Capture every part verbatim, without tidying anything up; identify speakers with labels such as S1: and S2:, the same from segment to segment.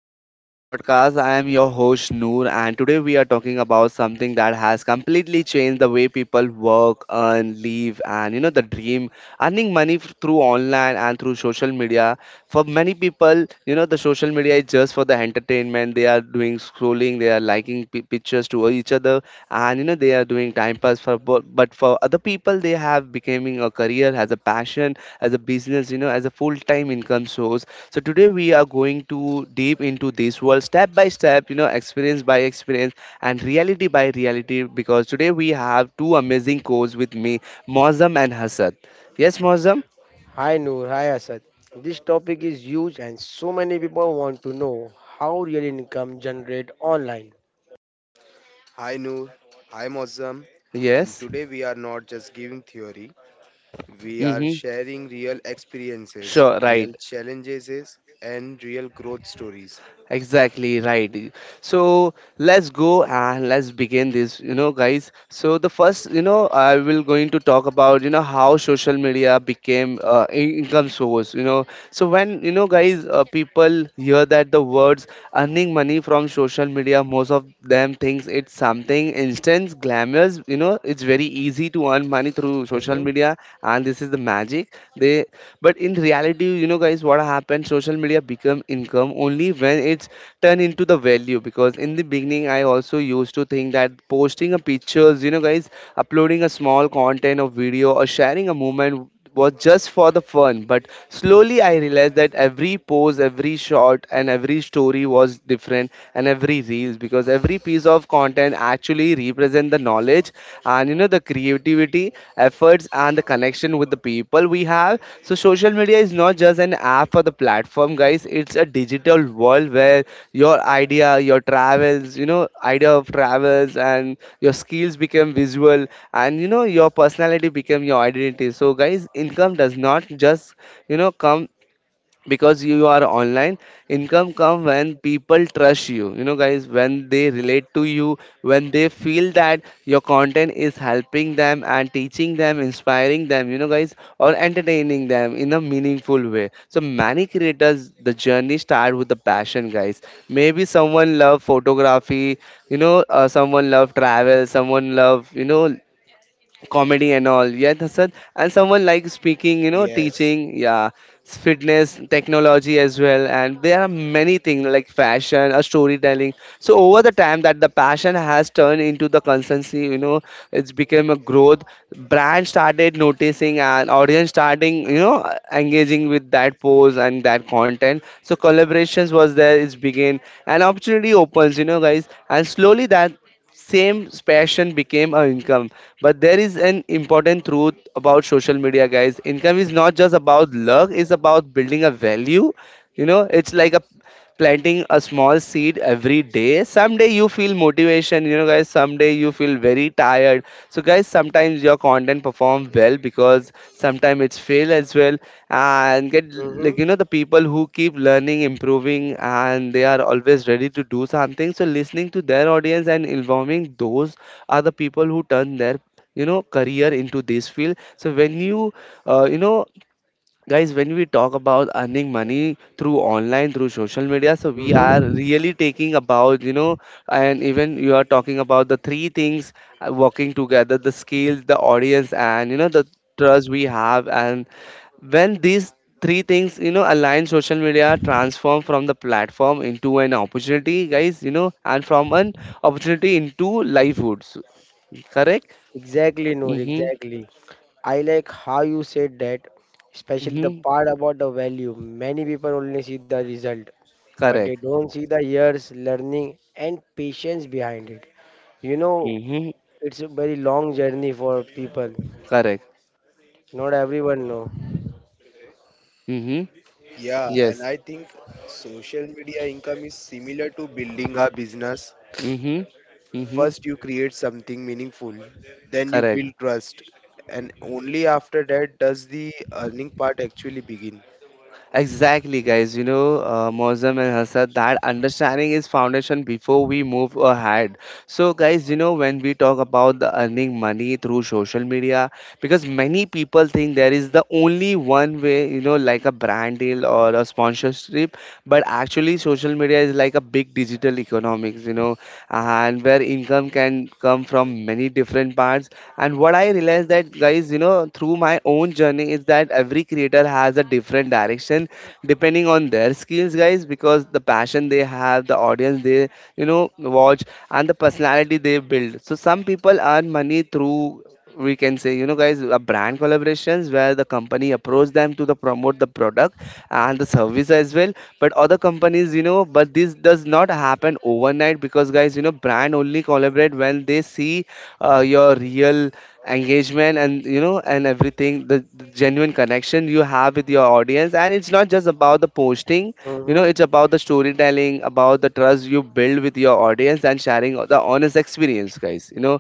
S1: back to our podcast. I am your host Noor, and today we are talking about something that has completely changed the way people work, earn, live, and you know the dream: earning money f- through online and through social media. For many people, you know the social media is just for the entertainment. They are doing scrolling, they are liking pi pictures to each other, and you know they are doing time pass for bo- but for other people they have becoming a career, as a passion, as a business, you know as a full-time income source. So today we are going to deep into this world step by step, you know, experience by experience, and reality by reality, because today we have two amazing co-hosts with me: Mozam and Hasad. Yes, Mozam?
S2: Hi Noor, hi Asad. This topic is huge and so many people want to know how real income generate online.
S3: Hi Noor, hi Mozam, and
S1: Yes.
S3: today we are not just giving theory, we are
S1: Mm-hmm.
S3: sharing real experiences,
S1: Sure,
S3: real
S1: right.
S3: challenges, and real growth stories.
S1: Exactly, right. So let's go, and let's begin this, you know, guys. So the first, you know, I will going to talk about, you know, how social media became uh, in- income source, you know. So when, you know, guys, uh, people hear that the words earning money from social media, most of them thinks it's something instant, glamorous, you know it's very easy to earn money through social
S2: Mm-hmm,
S1: media, and this is the magic they. But in reality, you know guys, what happened: social media become income only when it's turned into the value, because in the beginning I also used to think that posting a pictures, you know guys, uploading a small content of video, or sharing a moment was just for the fun. But slowly I realized that every pose, every shot, and every story was different, and every reels, because every piece of content actually represent the knowledge, and you know the creativity, efforts, and the connection with the people we have all. So social media is not just an app for the platform, guys. It's a digital world where your idea, your travels, you know, idea of travels, and your skills become visual, and you know your personality become your identity. So guys, income does not just you know come because you are online. Income come when people trust you, you know guys, when they relate to you, when they feel that your content is helping them and teaching them, inspiring them, you know guys, or entertaining them in a meaningful way. So many creators, the journey start with the passion, guys. Maybe someone love photography, you know uh, someone love travel, someone love, you know comedy and all. Yeah, Hassan. And someone like speaking, you know
S3: Yes,
S1: teaching, yeah, fitness, technology as well, and there are many things like fashion or storytelling. So over the time that the passion has turned into the constancy, you know it's become a growth. Brand started noticing, and audience starting, you know engaging with that pose and that content. So collaborations was there, it's begin, and opportunity opens, you know guys, and slowly that same passion became a income. But there is an important truth about social media, guys. Income is not just about luck, it's about building a value. you know it's like a planting a small seed every day. Someday you feel motivation, you know guys, someday you feel very tired. So guys, sometimes your content perform well, because sometimes it's fail as well and get. Like,
S2: mm-hmm,
S1: you know the people who keep learning, improving, and they are always ready to do something, so listening to their audience and informing those are the people who turn their, you know career into this field. So when you uh, you know guys, when we talk about earning money through online, through social media, so we are
S2: mm-hmm.
S1: really taking about, you know and even you are talking about the three things, uh, working together: the skills, the audience, and you know the trust we have. And when these three things, you know align, social media transform from the platform into an opportunity, guys, you know and from an opportunity into livelihoods. Correct.
S2: Exactly Noor,
S1: Mm-hmm.
S2: exactly. I like how you said that, especially the
S1: Mm-hmm.
S2: part about the value. Many people only see the result, but they
S1: Correct.
S2: don't see the years, learning, and patience behind it. You know,
S1: Mm-hmm.
S2: it's a very long journey for people.
S1: Correct.
S2: Not everyone know.
S1: Mm-hmm.
S3: yeah, and
S1: Yes.
S3: I think social media income is similar to building a business.
S1: Mm-hmm. Mm-hmm.
S3: First, you create something meaningful, then, you
S1: Correct.
S3: build trust, and only after that does the earning part actually begin.
S1: Exactly, guys. You know, uh, Mozam and Hasad, that understanding is foundation before we move ahead. So, guys, you know, when we talk about the earning money through social media, because many people think there is the only one way, you know like a brand deal or a sponsorship. But actually social media is like a big digital economics, you know and where income can come from many different parts. And what I realized that guys, you know through my own journey, is that every creator has a different direction depending on their skills, guys, because the passion they have, the audience they, you know watch, and the personality they build. So some people earn money through, we can say, you know guys, uh, brand collaborations where the company approach them to the promote the product and the service as well. But other companies, you know but this does not happen overnight, because guys, you know brand only collaborate when they see uh, your real engagement, and you know and everything, the, the genuine connection you have with your audience. And it's not just about the posting. you know
S2: Mm-hmm.
S1: it's about the storytelling, about the trust you build with your audience, and sharing the honest experience, guys you know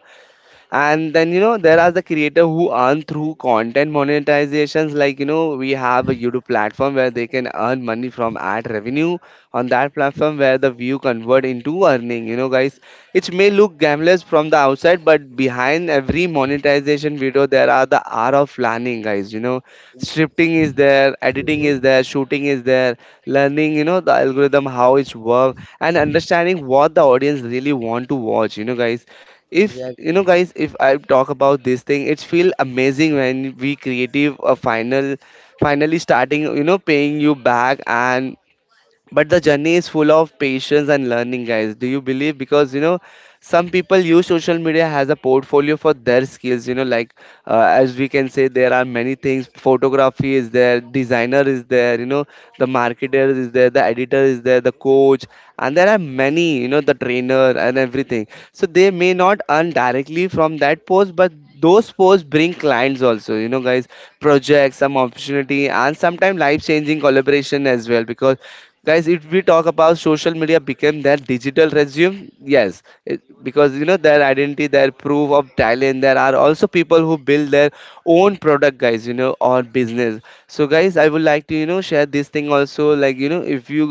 S1: And then, you know there are the creator who earn through content monetizations, like, you know we have a youtube platform where they can earn money from ad revenue on that platform, where the view convert into earning, you know guys. It may look glamorous from the outside, but behind every monetization video there are the hour of planning, guys, you know scripting is there, editing
S2: Mm-hmm.
S1: is there, shooting is there, learning, you know the algorithm how it works, and understanding what the audience really want to watch, you know guys. If you know
S2: Exactly.
S1: guys, if I talk about this thing, it's feel amazing when we creative a final finally starting, you know paying you back and. But the journey is full of patience and learning, guys, do you believe? Because you know some people use social media as a portfolio for their skills, you know like, uh, as we can say there are many things: photography is there, designer is there, you know the marketer is there, the editor is there, the coach, and there are many, you know the trainer and everything. So they may not earn directly from that post, but those posts bring clients also, you know guys, projects, some opportunity, and sometimes life changing collaboration as well. Because guys, if we talk about social media became their digital resume. Yes, it- because you know their identity, their proof of talent, there are also people who build their own product, guys, you know or business. So guys, I would like to, you know share this thing also. Like, you know if you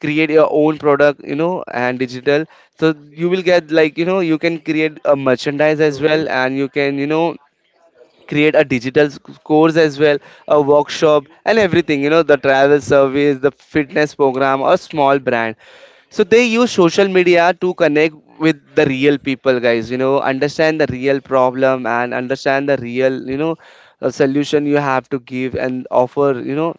S1: create your own product, you know and digital, so you will get, like, you know you can create a merchandise as well, and you can, you know create a digital s- course as well, a workshop and everything, you know the travel service, the fitness program, or small brand. So they use social media to connect with the real people, guys, you know understand the real problem, and understand the real, you know uh, solution you have to give and offer, you know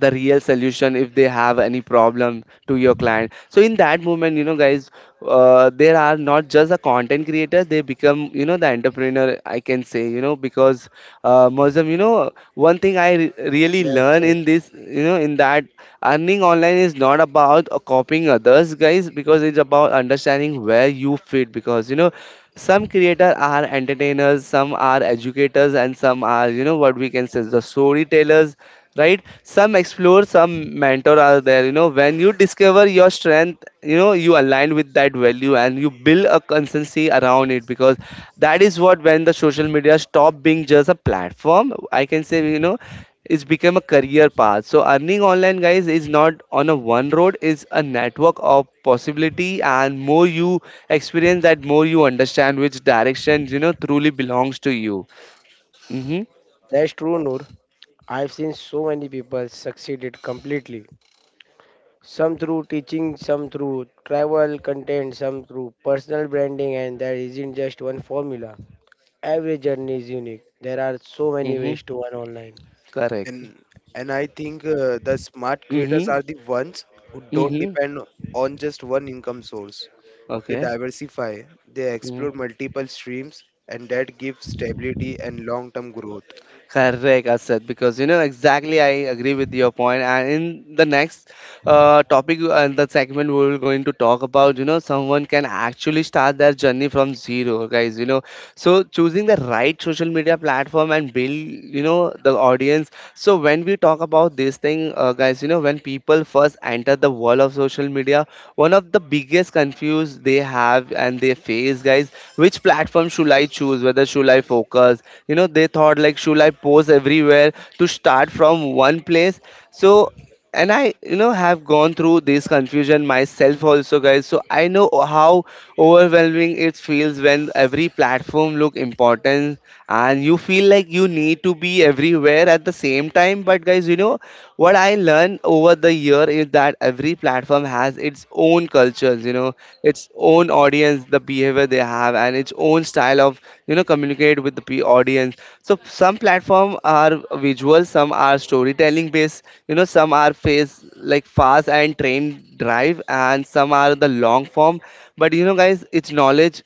S1: the real solution if they have any problem to your client. So in that moment, you know guys, uh, there are not just the content creators, they become, you know the entrepreneur, I can say, you know because uh, Mozam, you know one thing I re- really
S2: Yes,
S1: learn
S2: yes.
S1: in this, you know in that earning online is not about uh, copying others, guys, because it's about understanding where you fit. Because you know some creators are entertainers, some are educators, and some are, you know what we can say, the storytellers, right? Some explore, some mentor are there, you know when you discover your strength, you know you align with that value, and you build a consistency around it, because that is what when the social media stop being just a platform, I can say, you know it's become a career path. So earning online, guys, is not on a one road, is a network of possibility, and more you experience that, more you understand which direction, you know truly belongs to you. Mm-hmm.
S2: That's true, Noor. I've seen so many people succeeded completely. Some through teaching, some through travel content, some through personal branding, and there isn't just one formula. Every journey is unique. There are so many
S1: Mm-hmm.
S2: ways to earn online.
S1: Correct.
S3: And and I think uh, the smart creators
S1: Mm-hmm.
S3: are the ones who don't
S1: Mm-hmm.
S3: depend on just one income source. They
S1: Okay.
S3: diversify, they
S1: Mm.
S3: explore multiple streams, and that gives stability and long-term growth.
S1: Correct, Asad, because you know exactly I agree with your point. And in the next uh, topic and the segment, we will going to talk about, you know someone can actually start their journey from zero, guys. You know, so choosing the right social media platform and build you know the audience. So when we talk about this thing, uh, guys, you know when people first enter the world of social media, one of the biggest confuse they have and they face, guys. Which platform should I choose? Whether should I focus, you know they thought, like should I post everywhere to start from one place? So and I, you know have gone through this confusion myself also, guys. So I know how overwhelming it feels when every platform look important, and you feel like you need to be everywhere at the same time. But guys, you know what I learned over the year is that every platform has its own cultures, you know its own audience, the behavior they have, and its own style of of you know communicate with the p- audience. So some platform are visual, some are storytelling based, you know some are face like fast and train drive, and some are the long form. But you know guys, it's knowledge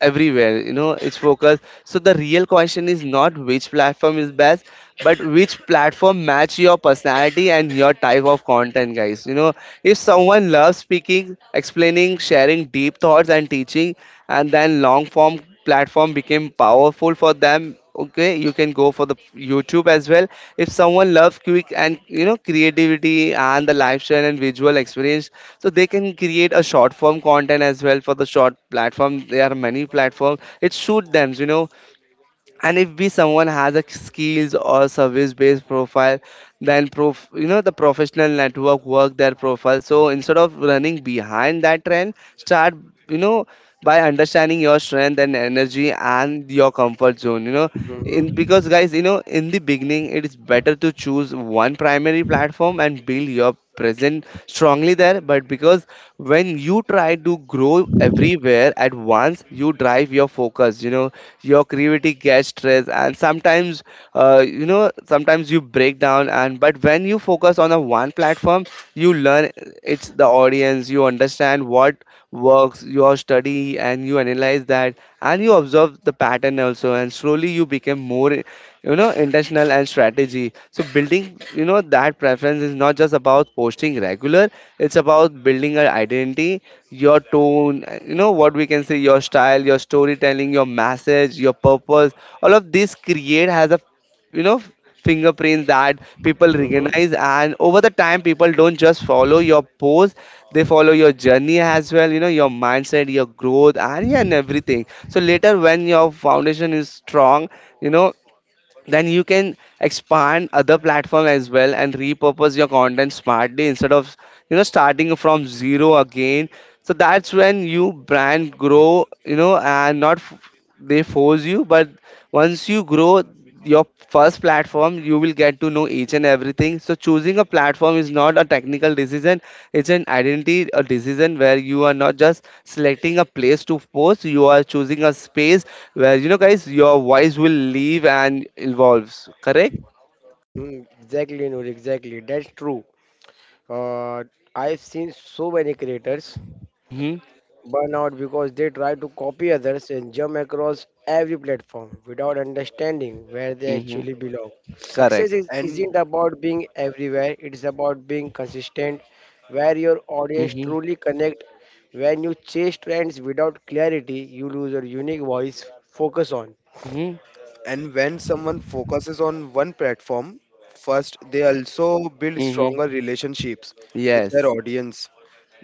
S1: everywhere, you know it's focused. So the real question is not which platform is best, but which platform match your personality and your type of content, guys, you know if someone loves speaking, explaining, sharing deep thoughts, and teaching, and then long form platform became powerful for them. Okay, you can go for the YouTube as well. If someone loves quick and you know creativity and the lifestyle and visual experience, so they can create a short form content as well for the short platform. There are many platforms it suit them, you know and if we someone has a skills or service based profile, then prof you know the professional network work their profile. So instead of running behind that trend, start, you know by understanding your strength and energy and your comfort zone, you know in because,
S2: Mm-hmm.
S1: guys, you know in the beginning it is better to choose one primary platform and build your presence strongly there. But because when you try to grow everywhere at once, you drive your focus, you know your creativity gets stressed, and sometimes, uh, you know sometimes you break down. And but when you focus on a one platform, you learn. It's the audience, you understand what works, your study, and you analyze that, and you observe the pattern also, and slowly you become more, you know, intentional and strategy. So building, you know, that preference is not just about posting regular; it's about building an identity, your tone, you know, what we can say, your style, your storytelling, your message, your purpose. All of this create has a you know fingerprints that people
S2: Mm-hmm.
S1: recognize, and over the time, people don't just follow your pose. They follow your journey as well, you know your mindset, your growth, and yeah, and everything. So later when your foundation is strong, you know then you can expand other platform as well and repurpose your content smartly instead of you know starting from zero again. So that's when you brand grow, you know and not f- they force you. But once you grow your first platform, you will get to know each and everything. So choosing a platform is not a technical decision. It's an identity, a decision where you are not just selecting a place to post, you are choosing a space where, you know guys, your voice will live and evolves. Correct.
S2: hmm Exactly, Noor. Exactly. That's true. Uh, I've seen so many creators
S1: Mm-hmm.
S2: burnout because they try to copy others and jump across every platform without understanding where they
S1: Mm-hmm.
S2: actually belong.
S1: Correct.
S2: Success is,
S3: And
S2: isn't about being everywhere, it's about being consistent, where your audience
S1: Mm-hmm.
S2: truly connect. When you chase trends without clarity, you lose your unique voice. Focus on.
S1: Mm-hmm.
S3: and when someone focuses on one platform first, they also build
S1: Mm-hmm.
S3: stronger relationships with their
S1: Yes.
S3: audience.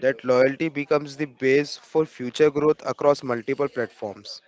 S3: That loyalty becomes the base for future growth across multiple platforms.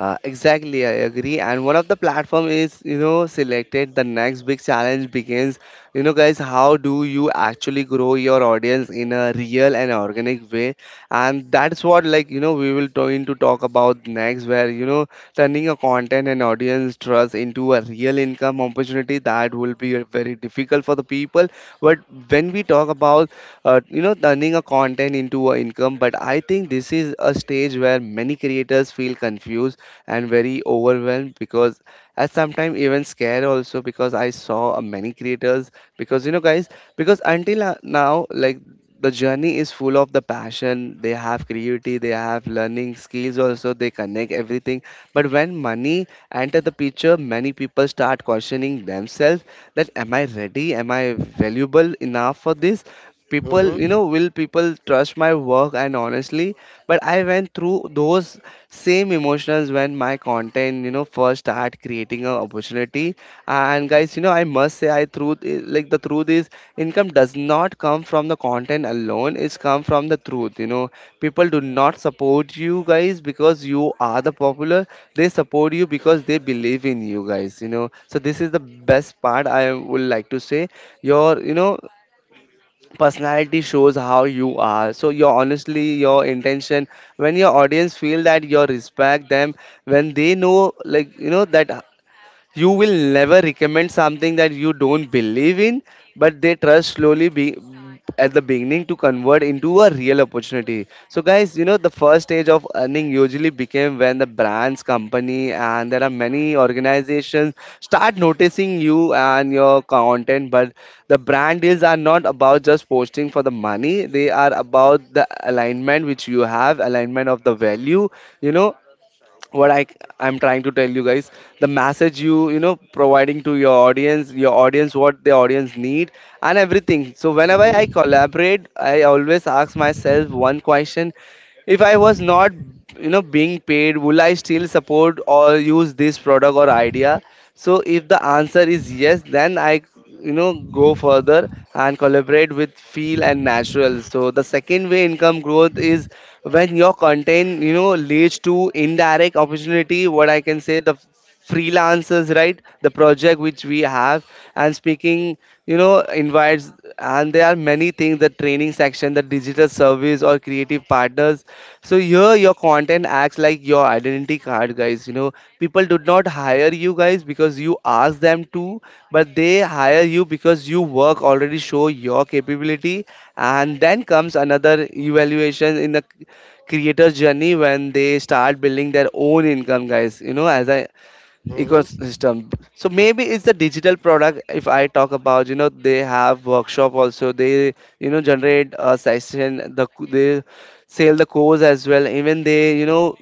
S1: Uh, exactly, I agree. And one of the platform is, you know, selected. The next big challenge begins. You know, guys, how do you actually grow your audience in a real and organic way? And that's what, like, you know we will going to talk about next, where, you know turning a content and audience trust into a real income opportunity, that will be uh, very difficult for the people. But when we talk about, uh, you know turning a content into an income, but I think this is a stage where many creators feel confused and very overwhelmed because, and sometimes even scared also, because I saw uh, many creators, because you know guys, because until uh, now, like the journey is full of the passion they have, creativity they have, learning skills also, they connect everything. But when money enter the picture, many people start questioning themselves, that am I ready? Am I valuable enough for this people, you
S2: Mm-hmm,
S1: know will people trust my work? And honestly, but I went through those same emotions when my content, you know first start creating an opportunity. And guys, you know I must say, i truth i- like the truth is, income does not come from the content alone. It's come from the truth, you know people do not support you, guys, because you are the popular. They support you because they believe in you, guys, you know so this is the best part I would like to say. Your, you know personality shows how you are, so your honestly, your intention. When your audience feel that you respect them, when they know, like, you know that you will never recommend something that you don't believe in, but they trust slowly be, at the beginning to convert into a real opportunity. So guys, you know the first stage of earning usually became when the brands company and there are many organizations start noticing you and your content. But the brand deals are not about just posting for the money. They are about the alignment which you have, alignment of the value, you know what I I'm trying to tell you, guys. The message you, you know providing to your audience, your audience, what the audience need, and everything. So whenever I
S2: mm-hmm,
S1: collaborate, I always ask myself one question. If I was not, you know being paid, will I still support or use this product or idea? So if the answer is yes, then I, you know go further and collaborate with feel and natural. So the second way income growth is when your content, you know leads to indirect opportunity, what I can say, the freelancers, right, the project which we have, and speaking, you know invites, and there are many things, the training section, the digital service, or creative partners. So here your content acts like your identity card, guys. You know, people do not hire you, guys, because you ask them to, but they hire you because you work already show your capability. And then comes another evaluation in the creator's journey when they start building their own income, guys. You know, as I
S2: mm-hmm.
S1: ecosystem, so maybe it's the digital product, if I talk about, you know they have workshop also, they, you know generate a session, the c- they sell the course as well, even they, you know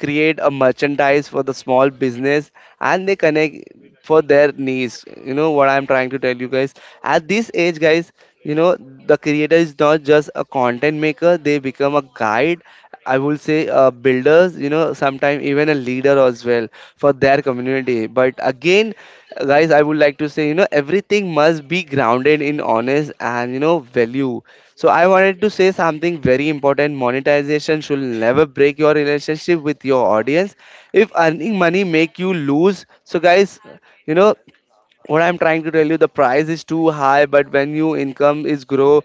S1: create a merchandise for the small business, and they connect for their needs, you know what I'm trying to tell you, guys. At this age, guys, you know the creator is not just a content maker, they become a guide. I will say, uh, builders, you know sometimes even a leader as well for their community. But again, guys, I would like to say, you know everything must be grounded in honest and, you know value. So I wanted to say something very important. Monetization should never break your relationship with your audience. If earning money make you lose, so guys, you know what I'm trying to tell you, the price is too high. But when you income is grow,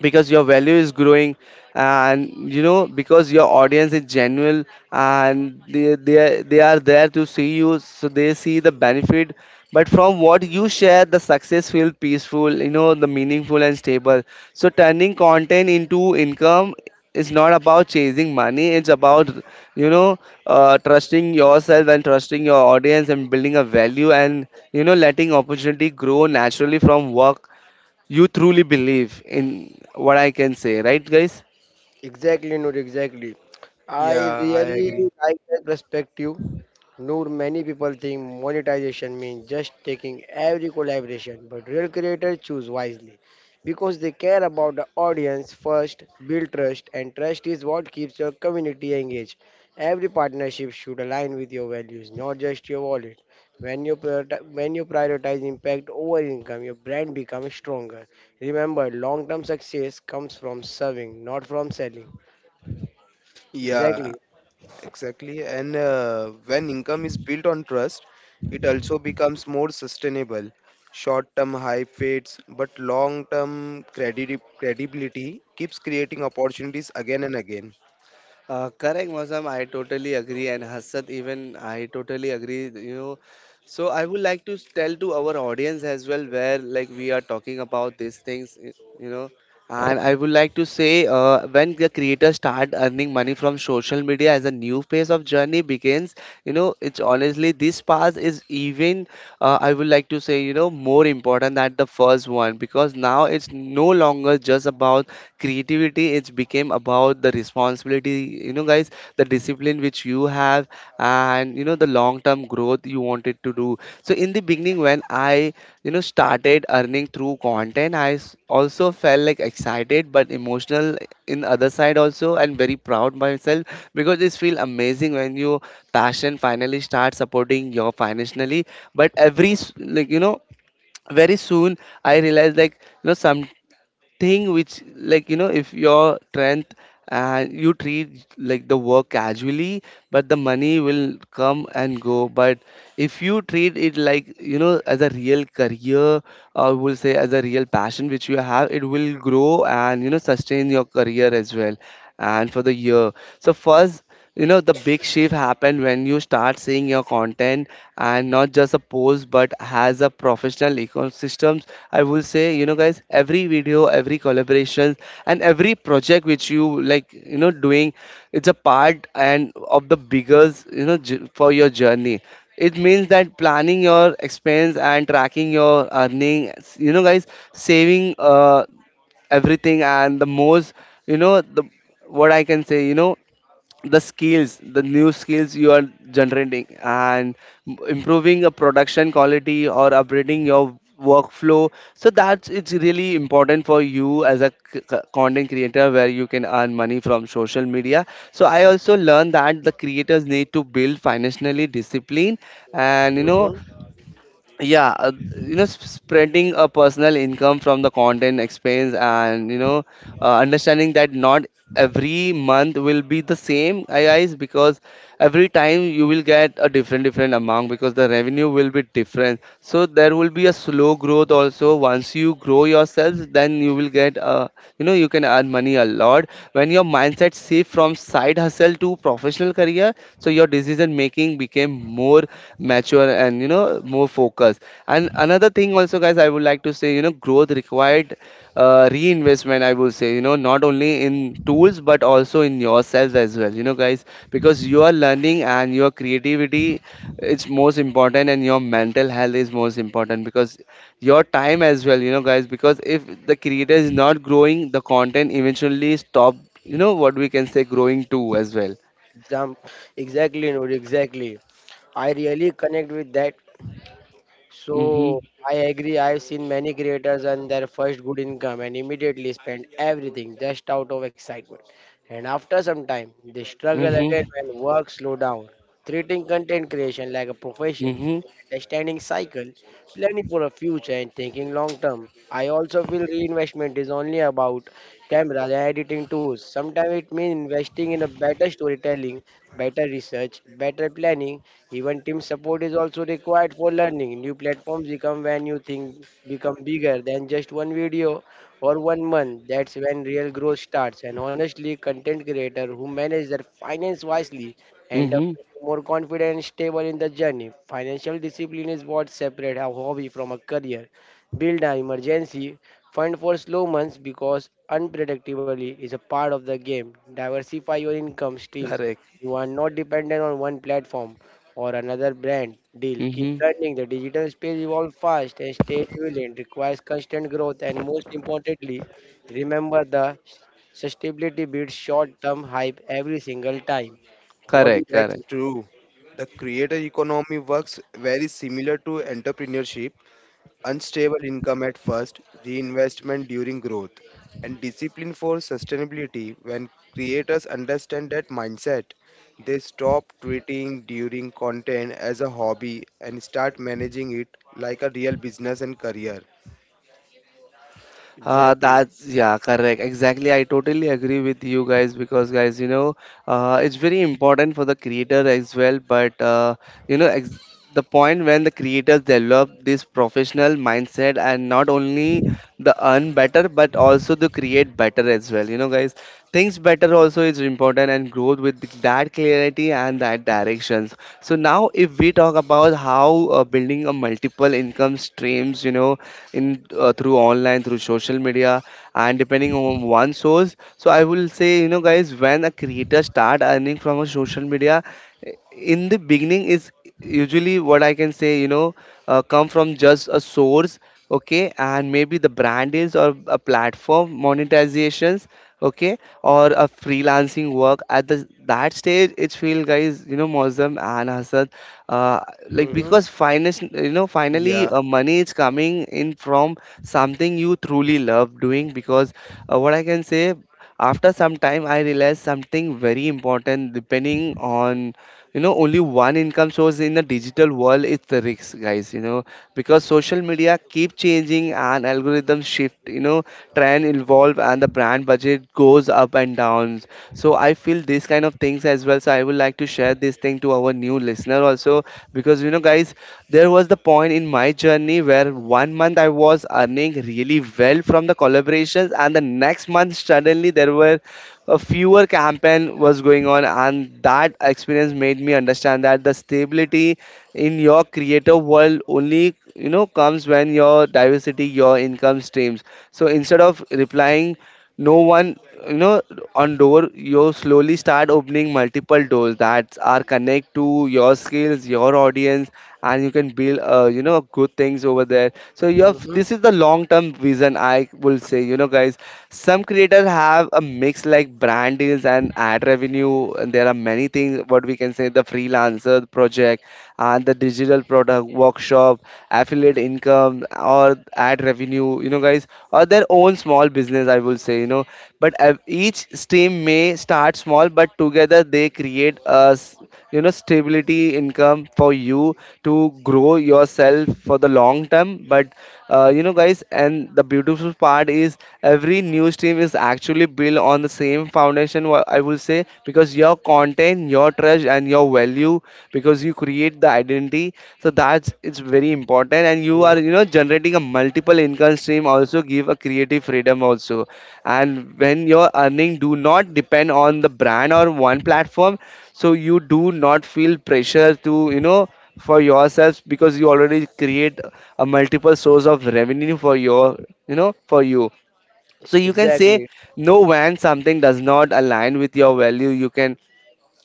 S1: because your value is growing, and you know because your audience is genuine, and they, they are- they are there to see you, so they see the benefit. But from what you share, the success feels peaceful, you know the meaningful and stable. So turning content into income is not about chasing money. It's about, you know uh, trusting yourself and trusting your audience and building a value and, you know letting opportunity grow naturally from work you truly believe in, what I can say, right, guys?
S2: Exactly, Noor, exactly. I
S3: Yeah, I
S2: really
S3: agree.
S2: like that perspective. Noor, many people think monetization means just taking every collaboration, but real creators choose wisely because they care about the audience first, build trust, and trust is what keeps your community engaged. Every partnership should align with your values, not just your wallet. When you, prioritize, when you prioritize impact over income, your brand becomes stronger. Remember, long term success comes from serving, not from selling.
S3: Yeah,
S2: Exactly.
S3: exactly, and uh, when income is built on trust, it also becomes more sustainable. Short-term hype fades, but long-term credi credibility keeps creating opportunities again and again.
S1: Uh, correct, Mozam. I totally agree, and Hassad, even I totally agree. You know, so I would like to tell to our audience as well, where, like, we are talking about these things. y- You know, And I would like to say, uh, when the creators start earning money from social media, as a new phase of journey begins, you know, it's honestly this path is even, uh, I would like to say, you know, more important than the first one, because now it's no longer just about creativity. It's became about the responsibility, you know, guys, the discipline which you have, and you know, the long-term growth you wanted to do. So in the beginning, when I you know started earning through content, i s- also felt like excited but emotional in other side also, and very proud myself, because it feel amazing when your passion finally start supporting your financially. But every s- like you know very soon I realized like you know some thing which like you know if your strength, and you treat like the work casually, but the money will come and go. But if you treat it like you know as a real career, or we'll say as a real passion which you have, it will grow and you know sustain your career as well and for the year. So first, you know, the big shift happened when you start seeing your content and not just a post, but has a professional ecosystems. I will say, you know, guys, every video, every collaboration, and every project which you like, you know, doing, it's a part and of the biggest, you know, j- for your journey. It means that planning your expense and tracking your earning, you know, guys, saving. Uh, everything. And the most, you know the what I can say you know the skills, the new skills you are generating, and m- improving a production quality or upgrading your workflow. So that's it's really important for you as a c- c- content creator where you can earn money from social media. So I also learned that the creators need to build financially discipline. And you know,
S2: Mm-hmm.
S1: yeah, uh, you know, sp- spreading a personal income from the content expense. And you know, uh, understanding that not every month will be the same, I guys, because every time you will get a different different amount because the revenue will be different. So there will be a slow growth also. Once you grow yourself, then you will get, uh, you know you can earn money a lot when your mindset shift from side hustle to professional career. So your decision making became more mature, and you know, more focused. And another thing also, guys, I would like to say, you know, growth required uh, reinvestment. I would say, you know, not only in tools but also in yourself as well, you know, guys, because your learning and your creativity, it's most important, and your mental health is most important, because your time as well, you know, guys, because if the creator is not growing, the content eventually stop, you know, what we can say, growing too as well.
S2: Exactly, Noor, exactly. I really connect with that.
S1: Mhm.
S2: So I agree. I've seen many creators earn their first good income and immediately spend everything just out of excitement. And after some time, they struggle
S1: Mhm.
S2: again when work slow down. Treating content creation like a profession,
S1: Mhm.
S2: understanding cycle, planning for a future, and thinking long term. I also feel reinvestment is only about cameras and editing tools. Sometimes it means investing in a better storytelling, better research, better planning even team support is also required for learning. New platforms become when you think become bigger than just one video or one month. That's when real growth starts. And honestly, content creator who manage their finance wisely end up
S1: Mhm.
S2: more confident and stable in the journey. Financial discipline is what separates a hobby from a career. Build an emergency fund for slow months because unpredictability is a part of the game. Diversify your income streams.
S1: Correct.
S2: You are not dependent on one platform or another brand deal. Keep
S1: Mhm.
S2: learning. The digital space evolves fast and stay resilient, requires constant growth, and most importantly, remember the sustainability beats short term hype every single time. What do you
S1: Correct,
S3: That's
S1: correct.
S3: true. The creator economy works very similar to entrepreneurship. Unstable income at first, reinvestment during growth, and discipline for sustainability. When creators understand that mindset, they stop treating during content as a hobby and start managing it like a real business and career.
S1: Uh,
S2: exactly?
S1: that's, yeah, correct, exactly, I totally agree with you guys. Because guys, you know, uh, it's very important for the creator as well. But uh, you know ex- the point when the creators develop this professional mindset, and not only the earn better but also the create better as well, you know, guys, things better also is important, and growth with that clarity and that directions. So now if we talk about how, uh, building a multiple income streams, you know, in uh, through online, through social media, and depending on one source. So I will say, you know, guys, when a creator start earning from a social media, in the beginning is usually, what I can say you know uh, come from just a source. Okay. And maybe the brand is, or a platform monetizations. Okay. Or a freelancing work, at the that stage it's feel, guys, you know, Mozam and Hasad, uh, like,
S2: Mm-hmm,
S1: because finance, you know, finally,
S3: Yeah,
S1: uh, money is coming in from something you truly love doing. Because uh, what I can say, after some time I realized something very important. Depending on, you know, only one income source in the digital world is the risk, guys, you know, because social media keep changing, and algorithms shift, you know, trend evolve, and the brand budget goes up and down. So I feel these kind of things as well. So I would like to share this thing to our new listener also, because you know, guys, there was the point in my journey where one month I was earning really well from the collaborations, and the next month suddenly there were a fewer campaign was going on, and that experience made me understand that the stability in your creative world only, you know, comes when your diversity your income streams. So instead of replying no one, you know, on door, you slowly start opening multiple doors that are connect to your skills, your audience, and you can build, uh, you know good things over there. So you have
S2: mm-hmm,
S1: this is the long term vision, I will say, you know, guys, some creators have a mix like brand deals and ad revenue, and there are many things, what we can say, the freelancer project and the digital product workshop, affiliate income, or ad revenue, you know, guys, or their own small business, I will say, you know. But uh, each stream may start small but together they create a s- you know stability income for you to grow yourself for the long term but uh, you know, guys, and the beautiful part is every news team is actually built on the same foundation, wha- I will say, because your content, your trust, and your value, because you create the identity. So that's it's very important. And you are,
S2: mm-hmm.
S1: you know, generating a multiple income stream, also give a creative freedom also. And when your earning do not depend on the brand or one platform, so you do not feel pressure to, you know, for yourselves, because you already create a multiple source of revenue for your, you know, for you. So you can say
S2: Exactly.
S1: no when something does not align with your value. You can,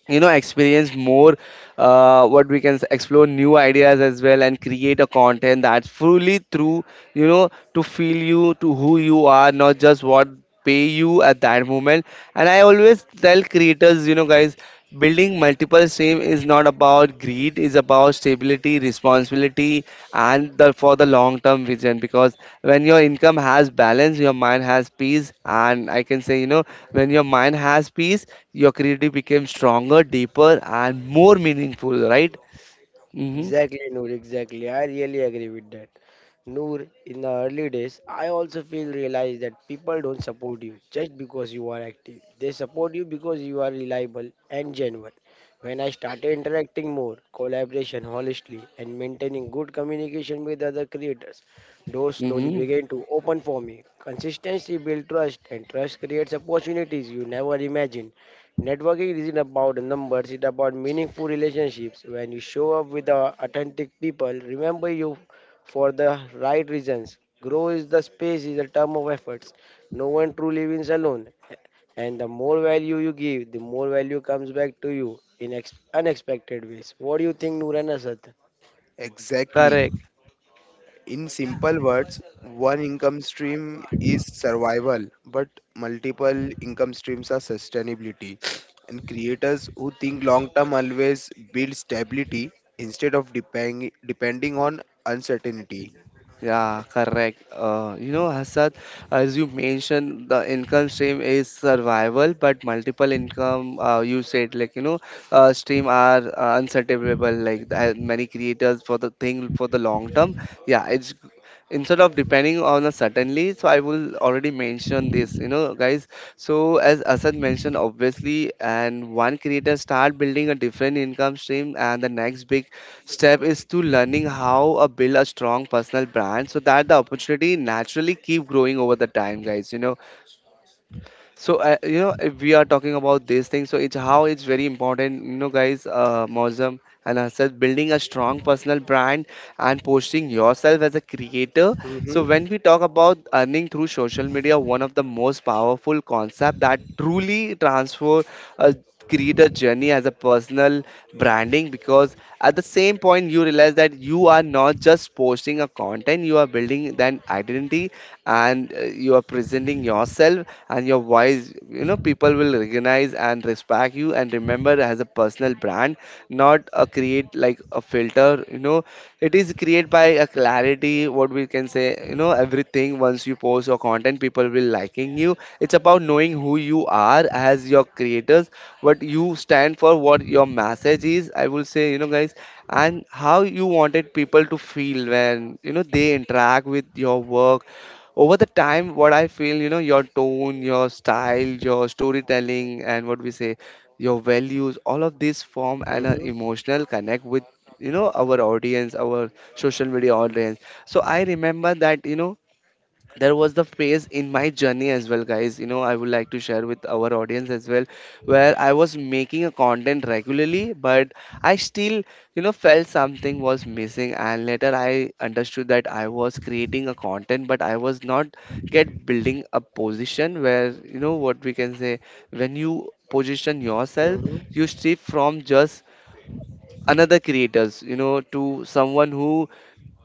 S1: you know, experience more, uh, what we can s- explore new ideas as well, and create a content that's fully through, you know, to feel you to who you are, not just what pay you at that moment. And I always tell creators, you know, guys, building multiple stream is not about greed. Is about stability, responsibility, and the, for the long term vision. Because when your income has balance, your mind has peace. And I can say, you know, when your mind has peace, your creativity becomes stronger, deeper, and more meaningful, right? Mm-hmm.
S2: Exactly, Noor, exactly. I really agree with that. Noor, in the early days, I also feel realized that people don't support you just because you are active. They support you because you are reliable and genuine. When I started interacting more, collaboration honestly, and maintaining good communication with other creators, doors slowly
S1: Mm-hmm.
S2: began to open for me. Consistency builds trust, and trust creates opportunities you never imagined. Networking isn't about numbers, it's about meaningful relationships. When you show up with the authentic people, remember you for the right reasons. Grow is the space, is a term of efforts. No one truly wins alone. And the more value you give, the more value comes back to you in ex- unexpected ways. What do you think, Noor and Asad?
S3: exactly.
S1: Correct.
S3: In simple words, one income stream is survival, but multiple income streams are sustainability. And creators who think long term always build stability instead of depending depending on uncertainty.
S1: Yeah, correct. Uh, you know, Hassad, as you mentioned, the income stream is survival, but multiple income, uh, you said, like, you know, uh, stream are uh, uncertainable, like the- uh, many creators for the thing for the long term. Yeah, it's g- instead of depending on a certainly, so I will already mention this, you know, guys. So as Asad mentioned, obviously, and one creator start building a different income stream, and the next big step is to learning how to build a strong personal brand, so that the opportunity naturally keep growing over the time, guys, you know. So uh, you know if we are talking about these things. So it's how it's very important, you know, guys. Uh, Mozam and Asad, building a strong personal brand and posting yourself as a creator. So
S2: Mm-hmm.
S1: when we talk about earning through social media, one of the most powerful concept that truly transfer a creator journey as a personal branding, because at the same point you realize that you are not just posting a content, you are building an identity. And uh, you are presenting yourself and your voice, you know, people will recognize and respect you and remember as a personal brand, not a create like a filter, you know, it is created by a clarity, what we can say, you know, everything once you post your content, people will liking you, it's about knowing who you are as your creators, what you stand for, what your message is, I will say, you know, guys, and how you wanted people to feel when, you know, they interact with your work. Over the time, what I feel, you know, your tone, your style, your storytelling, and what we say your values, all of these form an uh,
S2: Mm-hmm.
S1: emotional connect with, you know, our audience, our social media audience. So I remember that, you know, there was the phase in my journey as well, guys, you know, I would like to share with our audience as well, where I was making a content regularly, but I still, you know, felt something was missing. And later I understood that I was creating a content but I was not get building a position, where, you know, what we can say, when you position yourself, you
S2: Mm-hmm.
S1: strip from just another creators, you know, to someone who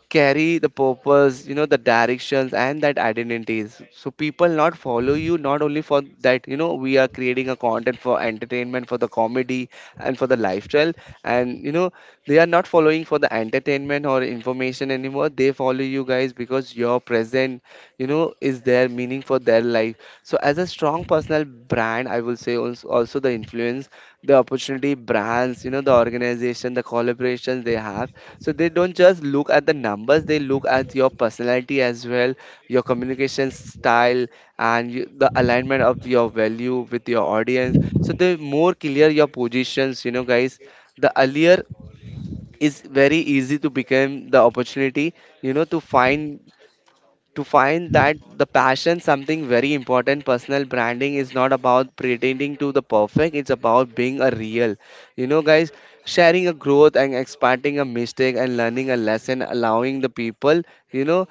S1: carry the purpose, you know, the directions and that identities. So people not follow you not only for that, you know, we are creating a content for entertainment, for the comedy and for the lifestyle. And you know, they are not following for the entertainment or information anymore. They follow you guys because your present, you know, is their meaning for their life. So as a strong personal brand, I will say, als- also the influence, the opportunity brands, you know, the organization, the collaborations they have, so they don't just look at the numbers, they look at your personality as well, your communication style, and you, the alignment of your value with your audience. So the more clear your positions, you know, guys, the earlier is very easy to become the opportunity, you know, to find to find that the passion something very important personal branding is not about pretending to the perfect. It's about being a real, you know guys sharing a growth and expanding a mistake and learning a lesson allowing the people, you know,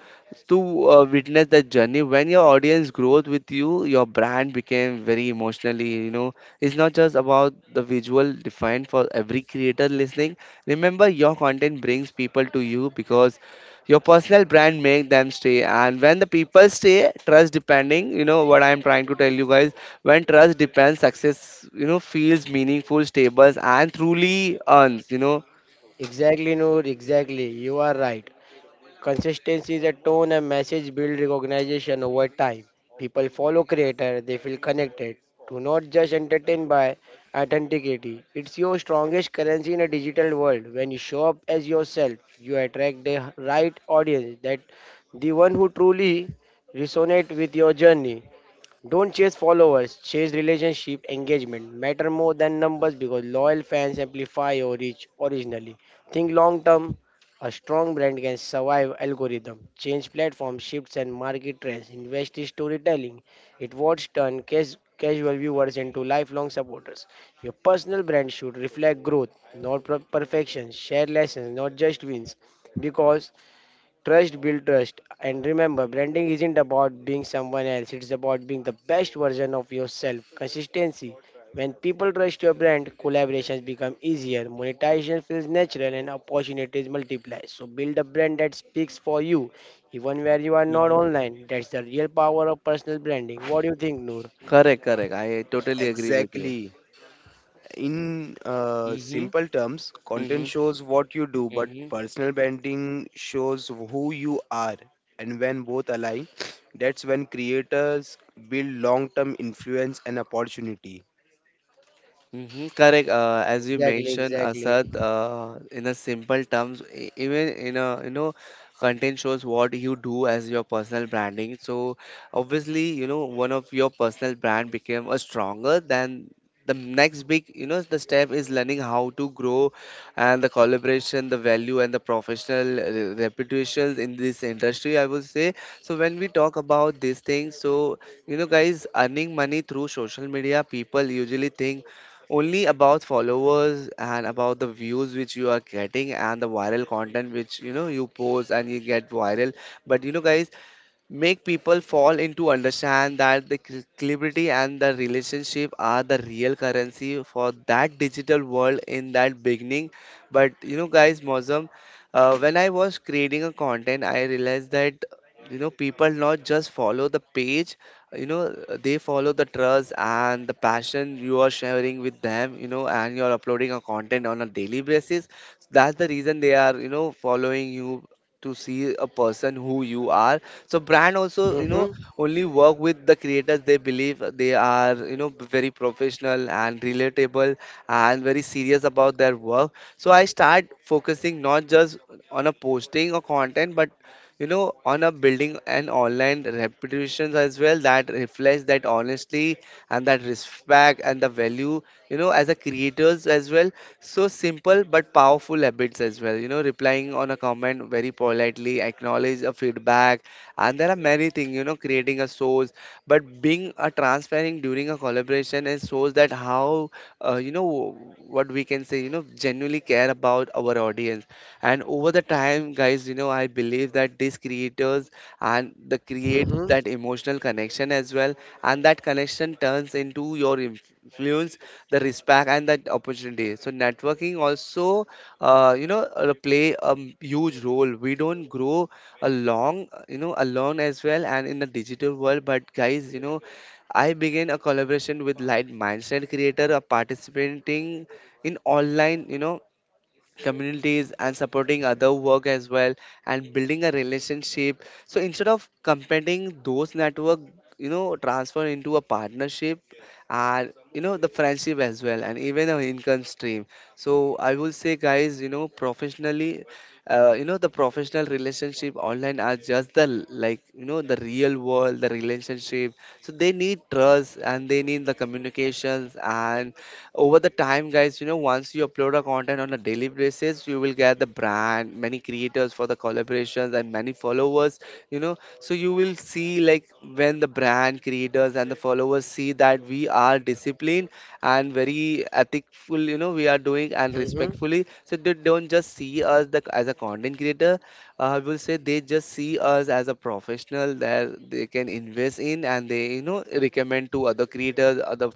S1: to uh, witness the journey. When your audience grows with you your brand became very emotionally, you know, it's not just about the visual defined for every creator listening. Remember your content brings people to you because your personal brand make them stay, and when the people stay trust depending, you know what I'm trying to tell you guys. When trust depends success, you know, feels meaningful stable and truly earns, you know
S2: Exactly, Noor. Exactly. You are right. Consistency is a tone and message build recognition over time. People follow creator, they feel connected. Do not just entertain by authenticity. It's your strongest currency in a digital world. When you show up as yourself, you attract the right audience that the one who truly resonate with your journey. Don't chase followers, chase relationship engagement. Matter more than numbers because loyal fans amplify your reach originally. Think long term. A strong brand can survive algorithm, change platform shifts and market trends, invest in storytelling. It what's turn cas- casual viewers into lifelong supporters. Your personal brand should reflect growth, not per- perfection. Share lessons, not just wins. Because trust build trust. And remember, branding isn't about being someone else, it's about being the best version of yourself. Consistency. When people trust your brand, collaborations become easier, monetization feels natural, and opportunities multiply. So build a brand that speaks for you, even where you are not
S1: hmm
S2: online. That's the real power of personal branding. What do you think, Noor?
S1: Correct, correct, I totally agree with you.
S3: Exactly. In uh,
S1: Mm-hmm.
S3: simple terms, content shows what you do, but
S1: Mm-hmm.
S3: personal branding shows who you are. And when both align, that's when creators build long term influence and opportunity.
S1: Hmm. Correct. Uh, as you
S2: Exactly,
S1: mentioned,
S2: exactly.
S1: Asad, uh, in a simple terms, e- even in a, you know, content shows what you do as your personal branding. So obviously, you know, one of your personal brand became a stronger than the next big, you know, the step is learning how to grow and the collaboration the value and the professional uh, reputations in this industry, I would say. So when we talk about these things, so you know guys, earning money through social media people usually think only about followers and about the views which you are getting and the viral content which, you know, you post and you get viral. But you know guys, make people fall into understand that the cl- celebrity and the relationship are the real currency for that digital world in that beginning. But you know guys, Mozam, uh, when I was creating a content I realized that, you know, people not just follow the page, you know, they follow the trust and the passion you are sharing with them, you know, and you're uploading a content on a daily basis. That's the reason they are, you know, following you to see a person who you are. So brand also, you know,
S2: Mm-hmm,
S1: only work with the creators they believe they are, you know, very professional and relatable and very serious about their work. So I start focusing not just on a posting or content but, you know, on a building an online reputations as well that reflects that honesty and that respect and the value, you know, as a creators as well. So simple but powerful habits as well. You know, replying on a comment very politely, acknowledge a feedback, and there are many things. You know, creating a source, but being a transparent during a collaboration and shows that how uh, you know what we can say. You know, genuinely care about our audience, and over the time, guys, you know, I believe that these creators and the create
S2: mm-hmm,
S1: that emotional connection as well, and that connection turns into your influence the respect and that opportunity. So networking also, uh, you know, uh, play a m- huge role. We don't grow along, uh, you know, alone as well, and in the digital world. But guys, you know, I began a collaboration with Light Mindset Creator, a participating in online, you know, communities and supporting other work as well and building a relationship. So instead of competing those network, you know, transfer into a partnership and, you know, the friendship as well and even an income stream. So I will say guys, you know, professionally, uh, you know, the professional relationship online are just the l- like, you know, the real world the relationship. So they need trust and they need the communications, and over the time guys, you know, once you upload a content on a daily basis you will get the brand many creators for the collaborations and many followers, you know, so you will see like when the brand creators and the followers see that we are disciplined and very ethical, you know, we are doing and
S2: mm-hmm.
S1: respectfully, so they don't just see us the, as a content creator, uh, I will say they just see us as a professional that they can invest in and they, you know, recommend to other creators, other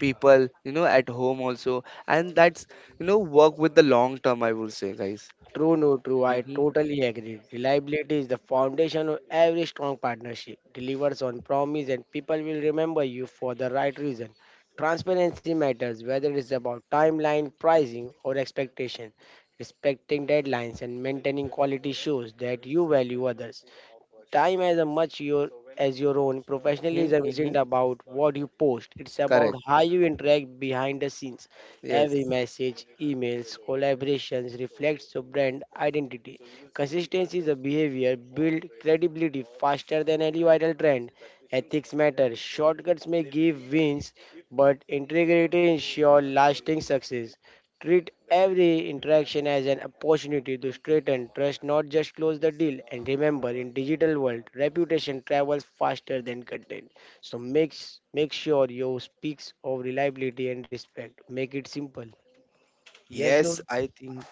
S1: people, you know, at home also. And that's, you know, work with the long term, I would say guys.
S2: True, no, true. I
S1: Mm-hmm,
S2: totally agree. Reliability is the foundation of every strong partnership. Delivers on promise, and people will remember you for the right reason. Transparency matters, whether it's about timeline, pricing, or expectation. Respecting deadlines and maintaining quality shows that you value others. Time as a much your as your own.
S1: mm-hmm,
S2: Professionalism
S1: mm-hmm.
S2: isn't about what you post. It's about
S1: Correct.
S2: how you interact behind the scenes. Every
S1: Yes.
S2: message, emails, collaborations reflects your brand identity. Consistency is a behavior build credibility faster than any viral trend. Ethics matter. Shortcuts may give wins, but integrity ensures lasting success. Treat every interaction as an opportunity to strengthen trust, not just close the deal. And remember, in digital world, reputation travels faster than content. So make make sure you speaks of reliability and respect. Make it simple. Yes, Noor.
S3: Yes, I think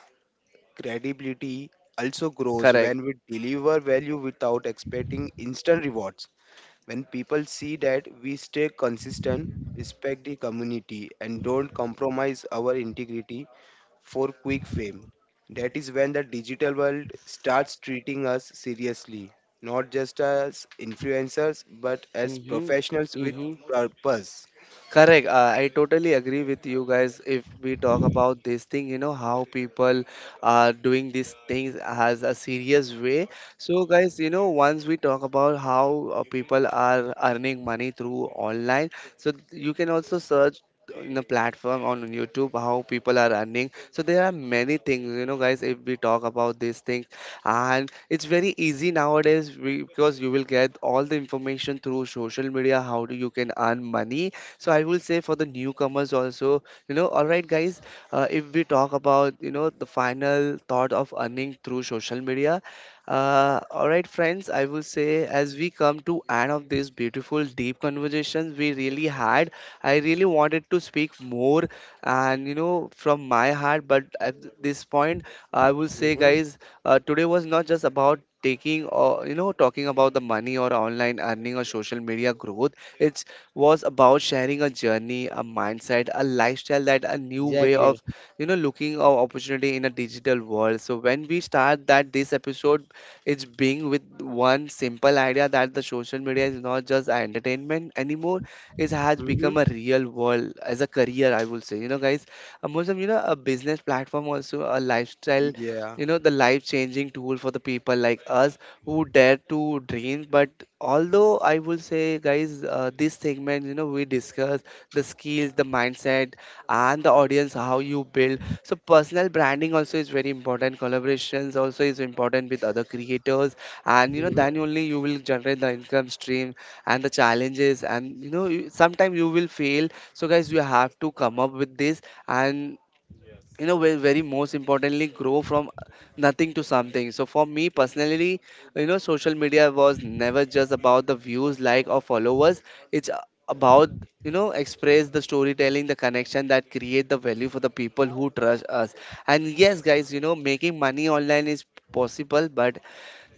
S3: credibility also grows
S1: Correct.
S3: when we deliver value without expecting instant rewards. When people see that we stay consistent, respect the community, and don't compromise our integrity for quick fame, that is when the digital world starts treating us seriously, not just as influencers, but as
S1: Mm-hmm,
S3: professionals with
S1: mm-hmm.
S3: purpose.
S1: Correct. Uh, I totally agree with you guys. If we talk about this thing, you know, how people are doing these things as a serious way. So, guys, you know, once we talk about how uh, people are earning money through online, so you can also search in a platform on YouTube how people are earning. So, there are many things, you know, guys, if we talk about these things, and it's very easy nowadays we, because you will get all the information through social media how do you can earn money. So I will say for the newcomers also, you know, all right guys, uh, if we talk about, you know, the final thought of earning through social media, uh, all right friends, I will say as we come to end of this beautiful deep conversations we really had, I really wanted to speak more and, you know, from my heart, but at th- this point I will say
S2: Hmm.
S1: guys, uh, today was not just about taking or, you know, talking about the money or online earning or social media growth. It's was about sharing a journey, a mindset, a lifestyle, that a new way
S2: Exactly.
S1: of, you know, looking of opportunity in a digital world. So when we start that this episode, it's being with one simple idea that the social media is not just entertainment anymore. It has
S2: Hmm.
S1: become a real world as a career, I would say. You know, guys, a Muslim, you know, a business platform, also a lifestyle,
S3: Yeah,
S1: you know, the life changing tool for the people like us who dare to dream. But although I will say guys, uh, this segment, you know, we discuss the skills, the mindset, and the audience how you build. So personal branding also is very important, collaborations also is important with other creators, and, you know, then
S2: Hmm.
S1: only you will generate the income stream and the challenges. And, you know, you, sometimes you will fail, so guys you have to come up with this, and, you know, very, very most importantly grow from nothing to something. So for me personally, you know, social media was never just about the views like or followers. It's a- about, you know, express the storytelling, the connection that create the value for the people who trust us. And yes guys, you know, making money online is possible but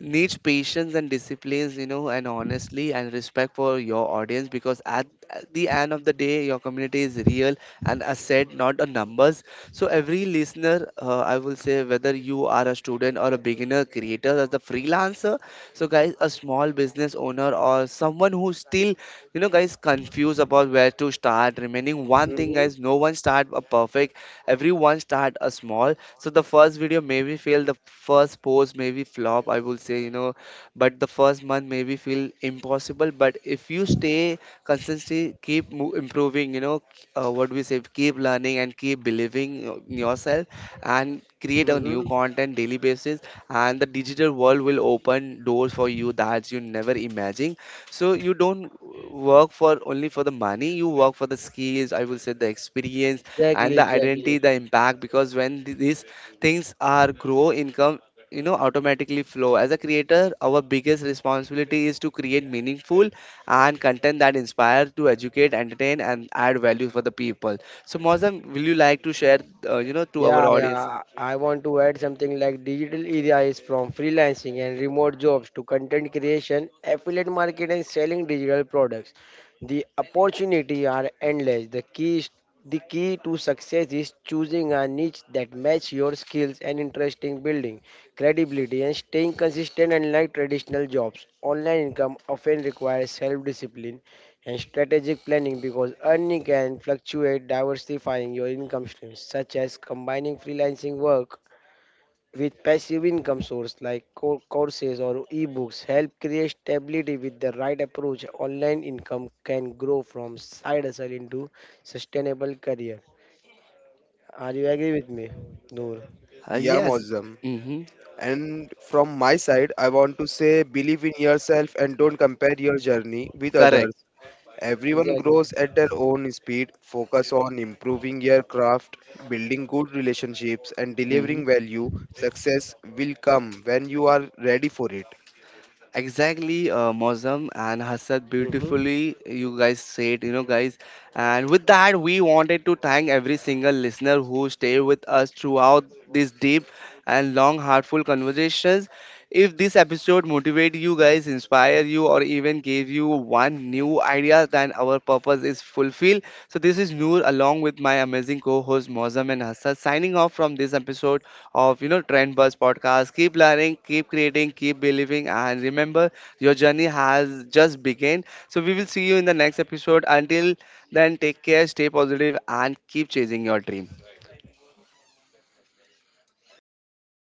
S1: needs patience and disciplines, you know, and honestly and respect for your audience, because at at the end of the day your community is real and asset, not a numbers. So every listener, uh, I will say, whether you are a student or a beginner creator or the freelancer, so guys a small business owner or someone who still, you know, guys confused about where to start, remaining one thing
S2: Hmm.
S1: guys, no one start a perfect. Everyone start a small. So the first video maybe fail, the first post maybe flop, I will say, you know, but the first month maybe feel impossible, but if you stay consistently keep mo- improving, you know, uh, what we say, keep learning and keep believing, uh, in yourself, and create a new
S2: Hmm.
S1: content daily basis, and the digital world will open doors for you that you never imagine. So you don't work for only for the money, you work for the skills, I will say, the experience and
S2: Exactly.
S1: the
S2: Exactly.
S1: identity, the impact, because when th- these things are grow, income, you know, automatically flow. As a creator, our biggest responsibility is to create meaningful and content that inspire to educate, entertain, and add value for the people. So Mozam, will you like to share, uh, you know, to our
S2: Yeah,
S1: audience?
S2: yeah. I want to add something like digital era is from freelancing and remote jobs to content creation, affiliate market, and selling digital products. The opportunity are endless. The key is the key to success is choosing a niche that match your skills and interest in building credibility and staying consistent unlike traditional jobs. Online income often requires self-discipline and strategic planning because earning can fluctuate, diversifying your income streams, such as combining freelancing work with passive income source like co- courses or ebooks help create stability with the right approach online income can grow from side hustle into sustainable career. Are you agree with me, Noor?
S1: Uh,
S3: yeah,
S1: yes.
S3: Mozam.
S1: Mm-hmm.
S3: And from my side, I want to say believe in yourself and don't compare your journey with
S1: Correct.
S3: others. Everyone grows
S2: Exactly.
S3: at their own speed. Focus on improving your craft, building good relationships, and
S1: Mm-hmm.
S3: delivering value. Success will come when you are ready for it.
S1: Exactly, uh, Mozam and Hasad beautifully you guys said, you know, guys. And with that, we wanted to thank every single listener who stayed with us throughout these deep and long, heartful conversations. If this episode motivated you guys, inspired you, or even gave you one new idea, then our purpose is fulfilled. So this is Noor along with my amazing co-host Mozam and Hasad signing off from this episode of, you know, Trend Buzz podcast. Keep learning, keep creating, keep believing, and remember your journey has just begun. So we will see you in the next episode. Until then, take care, stay positive, and keep chasing your dream.